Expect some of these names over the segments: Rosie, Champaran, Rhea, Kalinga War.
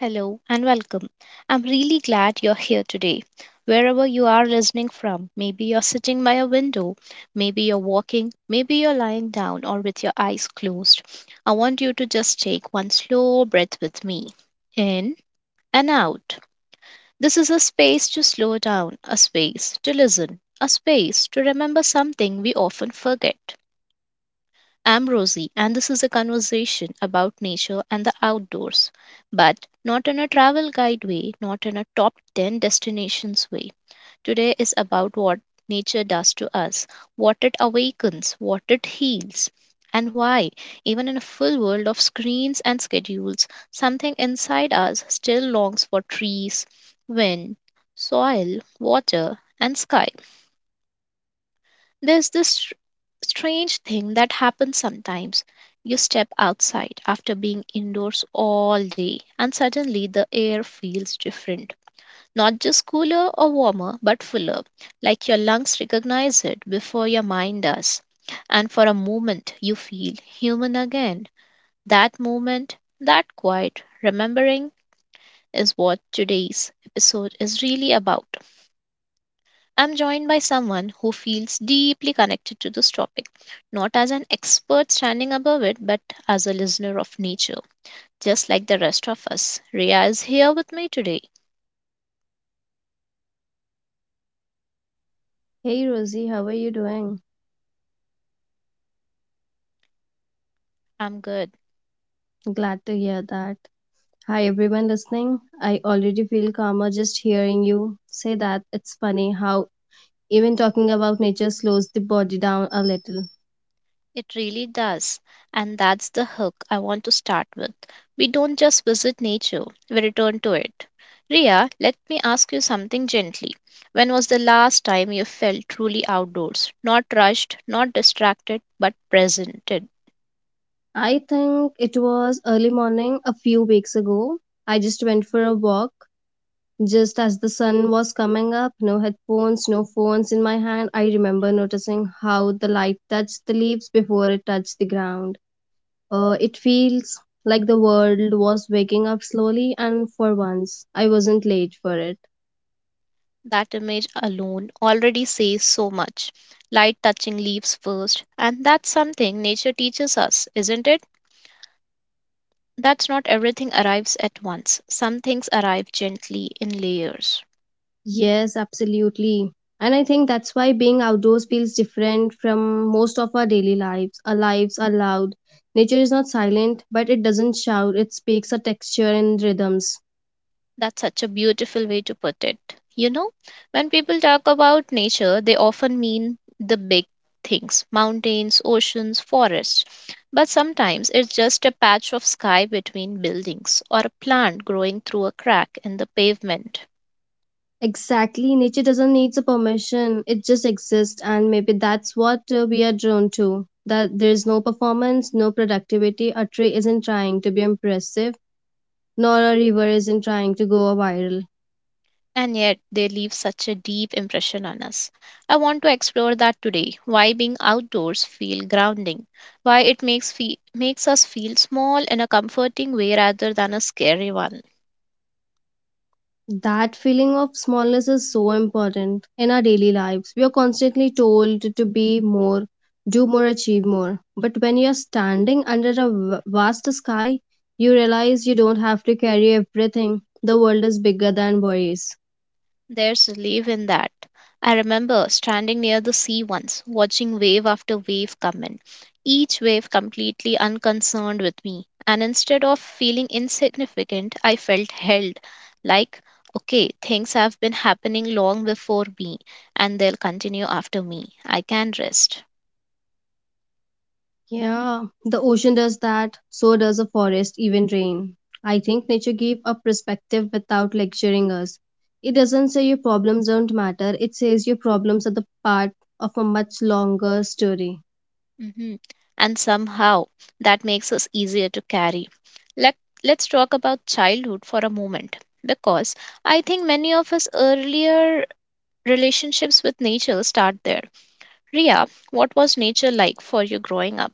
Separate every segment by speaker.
Speaker 1: Hello and welcome. I'm really glad you're here today. Wherever you are listening from, maybe you're sitting by a window, maybe you're walking, maybe you're lying down or with your eyes closed. I want you to just take one slow breath with me in and out. This is a space to slow down, a space to listen, a space to remember something we often forget. I'm Rosie, and this is a conversation about nature and the outdoors, but not in a travel guide way, not in a top 10 destinations way. Today is about what nature does to us, what it awakens, what it heals, and why, even in a full world of screens and schedules, something inside us still longs for trees, wind, soil, water, and sky. There's strange thing that happens sometimes. You step outside after being indoors all day, and suddenly the air feels different. Not just cooler or warmer, but fuller, like your lungs recognize it before your mind does. And for a moment, you feel human again. That moment, that quiet remembering, is what today's episode is really about. I'm joined by someone who feels deeply connected to this topic, not as an expert standing above it, but as a listener of nature, just like the rest of us. Rhea is here with me today.
Speaker 2: Hey Rosie, how are you doing?
Speaker 1: I'm good.
Speaker 2: Glad to hear that. Hi everyone listening. I already feel calmer just hearing you say that. It's funny how even talking about nature slows the body down a little.
Speaker 1: It really does. And that's the hook I want to start with. We don't just visit nature, we return to it. Rhea, let me ask you something gently. When was the last time you felt truly outdoors? Not rushed, not distracted, but presented.
Speaker 2: I think it was early morning a few weeks ago. I just went for a walk just as the sun was coming up, no headphones, no phones in my hand. I remember noticing how the light touched the leaves before it touched the ground. It feels like the world was waking up slowly, and for once, I wasn't late for it.
Speaker 1: That image alone already says so much. Light touching leaves first, and that's something nature teaches us, isn't it? That's not everything arrives at once. Some things arrive gently in layers.
Speaker 2: Yes, absolutely. And I think that's why being outdoors feels different from most of our daily lives. Our lives are loud. Nature is not silent, but it doesn't shout, it speaks a texture and rhythms.
Speaker 1: That's such a beautiful way to put it. You know, when people talk about nature, they often mean the big things mountains, oceans, forests. But sometimes it's just a patch of sky between buildings or a plant growing through a crack in the pavement.
Speaker 2: Exactly, nature doesn't need a permission, it just exists, and maybe that's what we are drawn to. That there's no performance, no productivity, a tree isn't trying to be impressive nor a river isn't trying to go viral.
Speaker 1: And yet they leave such a deep impression on us. I want to explore that today, why being outdoors feel grounding, why it makes makes us feel small in a comforting way rather than a scary one.
Speaker 2: That feeling of smallness is so important in our daily lives. We are constantly told to be more, do more, achieve more. But when you're standing under a vast sky, you realize you don't have to carry everything. The world is bigger than worries.
Speaker 1: There's relief in that. I remember standing near the sea once, watching wave after wave come in, each wave completely unconcerned with me. And instead of feeling insignificant, I felt held, like, okay, things have been happening long before me, and they'll continue after me. I can rest.
Speaker 2: Yeah, the ocean does that, so does a forest, even rain. I think nature gave a perspective without lecturing us. It doesn't say your problems don't matter, it says your problems are the part of a much longer story.
Speaker 1: hmm And somehow, that makes us easier to carry. Let, let's talk about childhood for a moment, because I think many of us earlier relationships with nature start there. Ria, what was nature like for you growing up?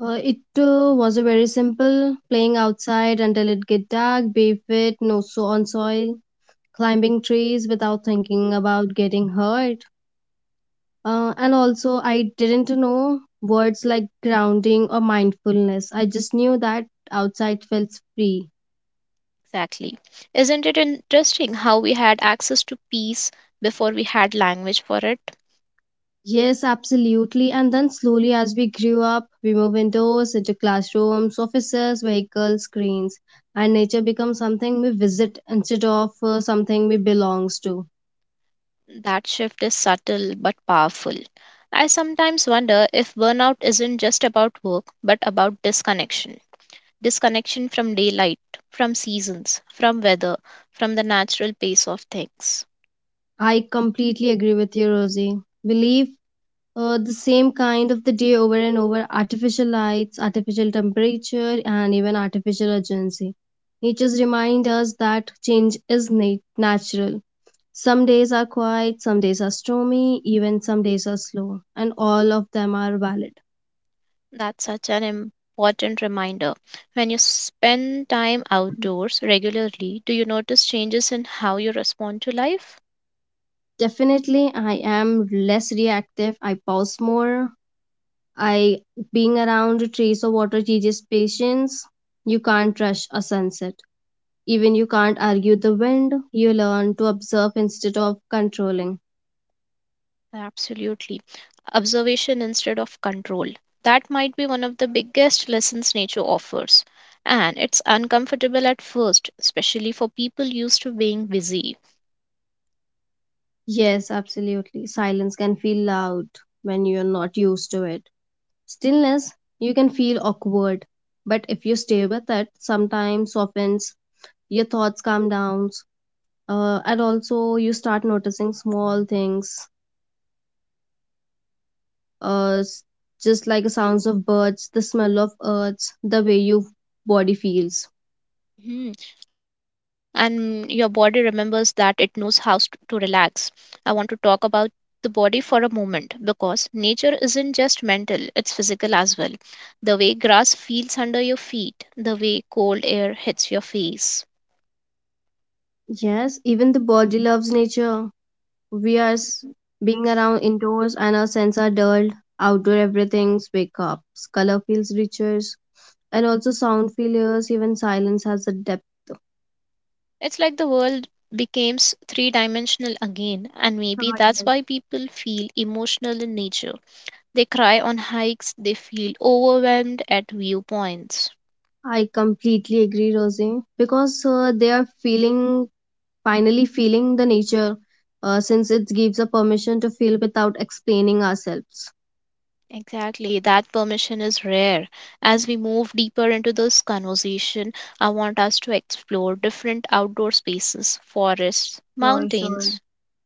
Speaker 2: It was a very simple playing outside until it get dark, barefoot, no so on soil, climbing trees without thinking about getting hurt. And also, I didn't know words like grounding or mindfulness. I just knew that outside felt free.
Speaker 1: Exactly? Isn't it interesting how we had access to peace before we had language for it?
Speaker 2: Yes, absolutely. And then slowly, as we grew up, we move indoors, into classrooms, offices, vehicles, screens, and nature becomes something we visit instead of something we belongs to.
Speaker 1: That shift is subtle but powerful. I sometimes wonder if burnout isn't just about work but about disconnection. Disconnection from daylight, from seasons, from weather, from the natural pace of things.
Speaker 2: I completely agree with you, Rosie. We live the same kind of the day over and over, artificial lights, artificial temperature, and even artificial urgency. Nature's remind us that change is natural. Some days are quiet, some days are stormy, even some days are slow, and all of them are valid.
Speaker 1: That's such an important reminder. When you spend time outdoors regularly, do you notice changes in how you respond to life?
Speaker 2: Definitely, I am less reactive, I pause more. I Being around trees or water teaches patience. You can't rush a sunset. Even you can't argue the wind, you learn to observe instead of controlling.
Speaker 1: Absolutely. Observation instead of control. That might be one of the biggest lessons nature offers. And it's uncomfortable at first, especially for people used to being busy.
Speaker 2: Yes, absolutely. Silence can feel loud when you're not used to it. Stillness, you can feel awkward, but if you stay with it, sometimes softens, your thoughts calm down, and also you start noticing small things, uh, s- just like the sounds of birds, the smell of earth, the way your body feels.
Speaker 1: Mhm. And your body remembers that it knows to relax. I want to talk about the body for a moment because nature isn't just mental, it's physical as well. The way grass feels under your feet, the way cold air hits your face.
Speaker 2: Yes, even the body loves nature. We are being around indoors and our senses are dulled. Outdoor everything's wake up. Color feels richer and also sound feels, even silence has a depth.
Speaker 1: It's like the world becomes three dimensional again, and maybe
Speaker 2: Ah,
Speaker 1: that's
Speaker 2: yes.
Speaker 1: why people feel emotional in nature. They cry on hikes, they feel overwhelmed at viewpoints.
Speaker 2: I completely agree, Rosie, because they are feeling, finally feeling the nature, since it gives a permission to feel without explaining ourselves.
Speaker 1: Exactly, that permission is rare. As we move deeper into this conversation, I want us to explore different outdoor spaces, forests,
Speaker 2: Sure, sure.
Speaker 1: mountains,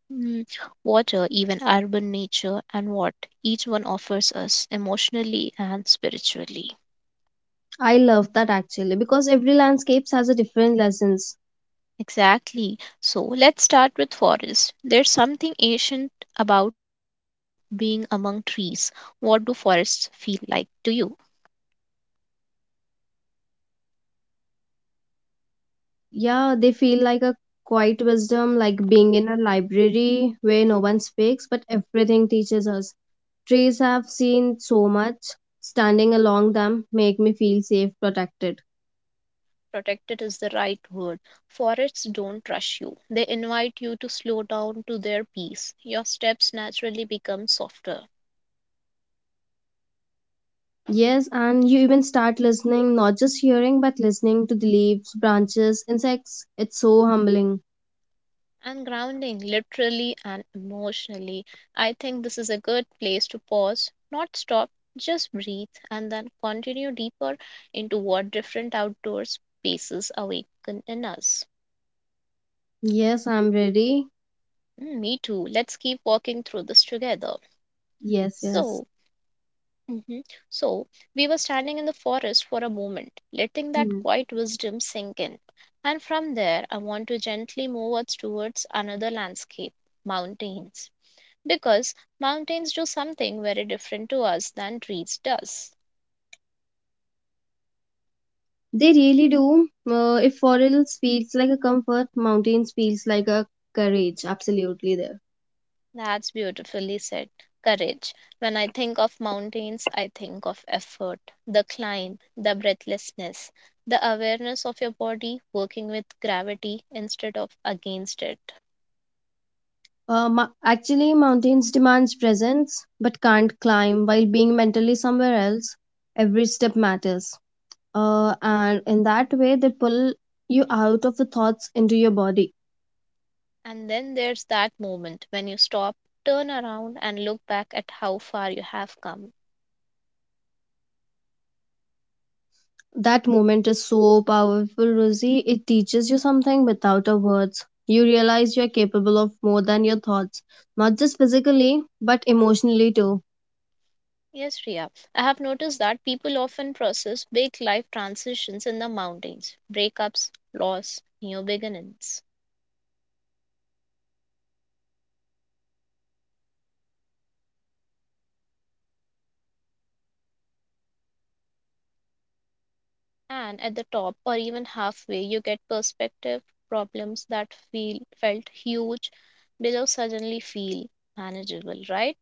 Speaker 1: mm, water, even urban nature, and what each one offers us emotionally and spiritually.
Speaker 2: I love that actually because every landscape has a different lessons.
Speaker 1: Exactly. So let's start with forests. There's something ancient about being among trees. What do forests feel like to you?
Speaker 2: Yeah, they feel like a quiet wisdom, like being in a library where no one speaks, but everything teaches us. Trees have seen so much. Standing along them make me feel safe, protected.
Speaker 1: Protected is the right word. Forests don't rush you, they invite you to slow down to their pace. Your steps naturally become softer.
Speaker 2: Yes, and you even start listening, not just hearing, but listening to the leaves, branches, insects. It's so humbling.
Speaker 1: And grounding, literally and emotionally. I think this is a good place to pause, not stop, just breathe, and then continue deeper into what different outdoor spaces awaken in us.
Speaker 2: Yes, I'm ready.
Speaker 1: Me too. Let's keep walking through this together.
Speaker 2: Yes, yes.
Speaker 1: So, Mhm. So we were standing in the forest for a moment, letting that
Speaker 2: Hmm.
Speaker 1: quiet wisdom sink in. And from there, I want to gently move us towards another landscape mountains. Because mountains do something very different to us than trees does.
Speaker 2: They really do. If forests feels like a comfort, mountains feels like a courage. Absolutely there.
Speaker 1: That's beautifully said. Courage. When I think of mountains, I think of effort, the climb, the breathlessness, the awareness of your body working with gravity instead of against it.
Speaker 2: Actually, mountains demands presence, but can't climb while being mentally somewhere else. Every step matters, and in that way, they pull you out of the thoughts into your body.
Speaker 1: And then there's that moment when you stop, turn around, and look back at how far you have come.
Speaker 2: That moment is so powerful, Rosie. It teaches you something without a words. You realize you're capable of more than your thoughts, not just physically, but emotionally too.
Speaker 1: Yes, Riya, I have noticed that people often process big life transitions in the mountains breakups, loss, new beginnings. And at the top or even halfway, you get perspective, problems that feel felt huge below suddenly feel manageable, right?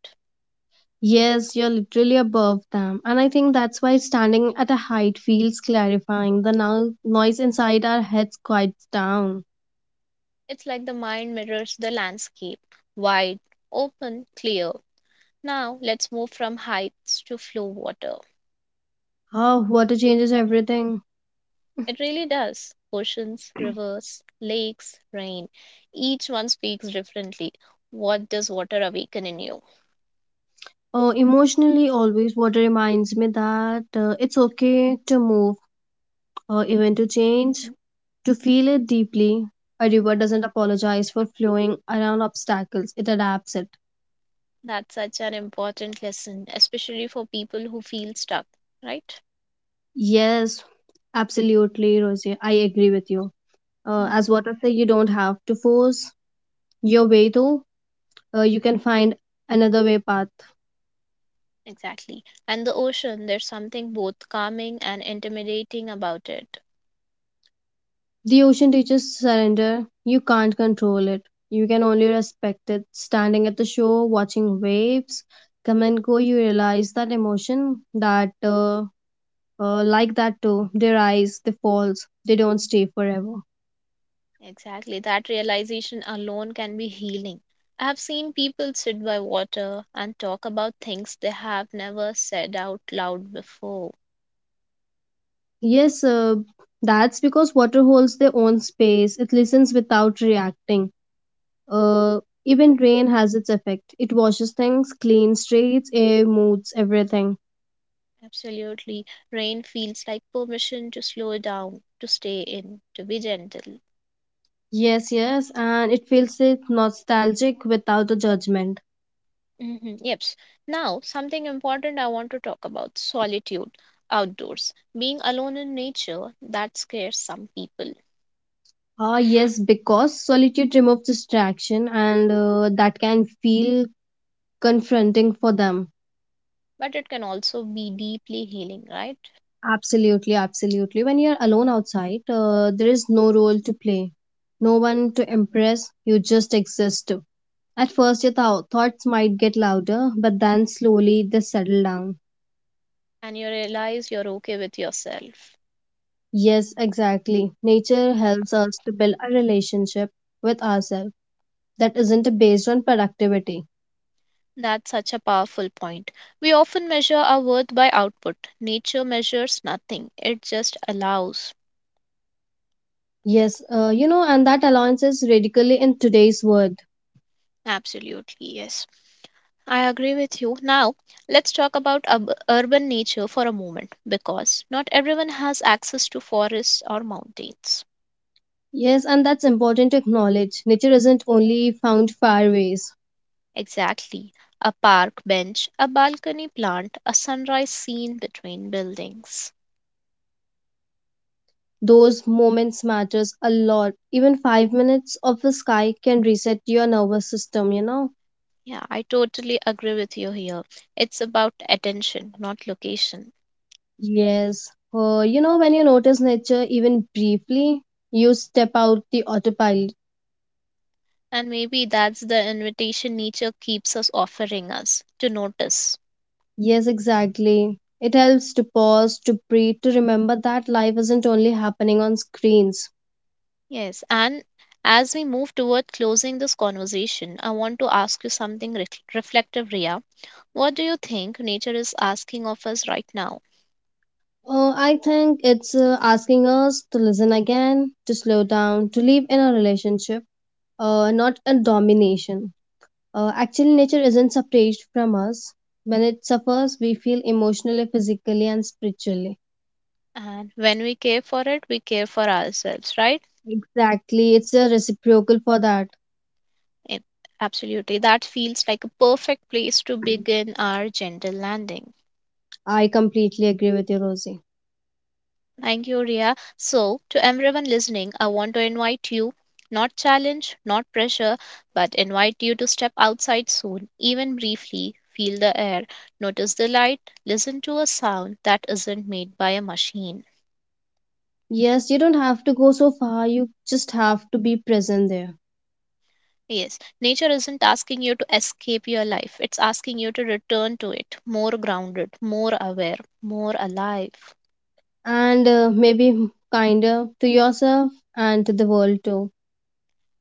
Speaker 2: Yes, you're literally above them. And I think that's why standing at a height feels clarifying. The noise inside our heads quiets down.
Speaker 1: It's like the mind mirrors the landscape wide, open, clear. Now let's move from heights to flow water.
Speaker 2: Oh, water changes everything.
Speaker 1: It really does. Oceans, rivers, lakes, rain. Each one speaks differently. What does water awaken in you?
Speaker 2: Emotionally, always water reminds me that it's okay to move, even to change,
Speaker 1: Mm-hmm.
Speaker 2: to feel it deeply. A river doesn't apologize for flowing around obstacles, it adapts it.
Speaker 1: That's such an important lesson, especially for people who feel stuck, right?
Speaker 2: Yes, absolutely, Rosie. I agree with you. As
Speaker 1: Mm-hmm.
Speaker 2: water say, you don't have to force your way though, you can find another way path.
Speaker 1: Exactly. And the ocean, there's something both calming and intimidating about it.
Speaker 2: The ocean teaches surrender, you can't control it, you can only respect it. Standing at the shore watching waves come and go, you realize that emotion that like that too, they rise, they falls, they don't stay forever.
Speaker 1: Exactly. That realization alone can be healing. I have seen people sit by water and talk about things they have never said out loud before.
Speaker 2: Yes, that's because water holds their own space, it listens without reacting, uh, even rain has its effect, it washes things, cleans streets, air, moods, everything.
Speaker 1: Absolutely. Rain feels like permission to slow down, to stay in, to be gentle.
Speaker 2: Yes, yes, and it feels it nostalgic without the judgment.
Speaker 1: Yep. Now, something important I want to talk about solitude, outdoors. Being alone in nature, that scares some people,
Speaker 2: Ah, yes, because solitude removes distraction, and that can feel confronting for them.
Speaker 1: but it can also be deeply healing, right?
Speaker 2: Absolutely, absolutely. When you're alone outside, there is no role to play, no one to impress. You just exist. At first, your thoughts might get louder, but then slowly they settle down.
Speaker 1: And you realize you're okay with yourself.
Speaker 2: Yes, exactly. Nature helps us to build a relationship with ourselves that isn't based on productivity.
Speaker 1: That's such a powerful point. We often measure our worth by output. Nature measures nothing, it just allows.
Speaker 2: Yes, you know, and that allowance is radically in today's world.
Speaker 1: Absolutely, yes. I agree with you. Now, let's talk about urban nature for a moment because not everyone has access to forests or mountains.
Speaker 2: Yes, and that's important to acknowledge. Nature isn't only found fairways.
Speaker 1: Exactly. A park bench, a balcony plant, a sunrise scene between buildings.
Speaker 2: Those moments matters a lot. Even 5 minutes of the sky can reset your nervous system, you know?
Speaker 1: Yeah, I totally agree with you here. It's about attention, not location.
Speaker 2: Yes. You know, when you notice nature even briefly, you step out the autopilot.
Speaker 1: And maybe that's the invitation nature keeps us offering us to notice.
Speaker 2: Yes, exactly. It helps to pause, to breathe, to remember that life isn't only happening on screens.
Speaker 1: Yes. And as we move toward closing this conversation, I want to ask you something reflective, Ria. What do you think nature is asking of us right now?
Speaker 2: I think it's asking us to listen again, to slow down, to live in a relationship, not a domination. Actually, nature isn't separate from us. When it suffers, we feel emotionally, physically, and spiritually.
Speaker 1: And when we care for it, we care for ourselves, right?
Speaker 2: Exactly, it's a reciprocal for that.
Speaker 1: Ab- Absolutely. That feels like a perfect place to begin our gentle landing.
Speaker 2: I completely agree with you, Rosie.
Speaker 1: Thank you, Ria. So, to everyone listening, I want to invite you not challenge, not pressure, but invite you to step outside soon, even briefly. Feel the air, notice the light, listen to a sound that isn't made by a machine.
Speaker 2: Yes, you don't have to go so far, you just have to be present there.
Speaker 1: Yes, nature isn't asking you to escape your life, it's asking you to return to it more grounded, more aware, more alive.
Speaker 2: And maybe kinder to yourself and to the world too.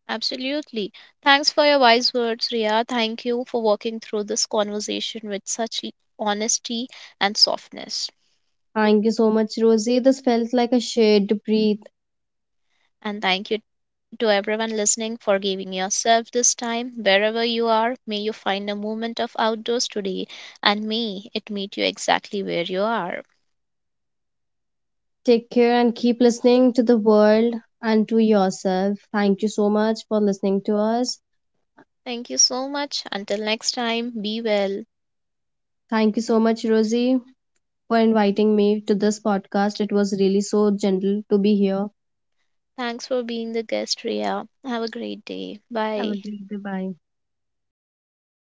Speaker 1: Absolutely. Thanks for your wise words, Ria. Thank you for walking through this conversation with such honesty and softness.
Speaker 2: Thank you so much, Rosie. This felt like a shared breathe.
Speaker 1: And thank you to everyone listening for giving yourself this time. Wherever you are, may you find a moment of outdoors today and may it meet you exactly where you are.
Speaker 2: Take care and keep listening to the world and to yourself. Thank you so much for listening to us.
Speaker 1: Thank you so much. Until next time, be well.
Speaker 2: Thank you so much, Rosie, for inviting me to this podcast. It was really so gentle to be here.
Speaker 1: Thanks for being the guest, Ria. Have a great day.
Speaker 2: Have a
Speaker 1: Bye.
Speaker 2: great day. Bye.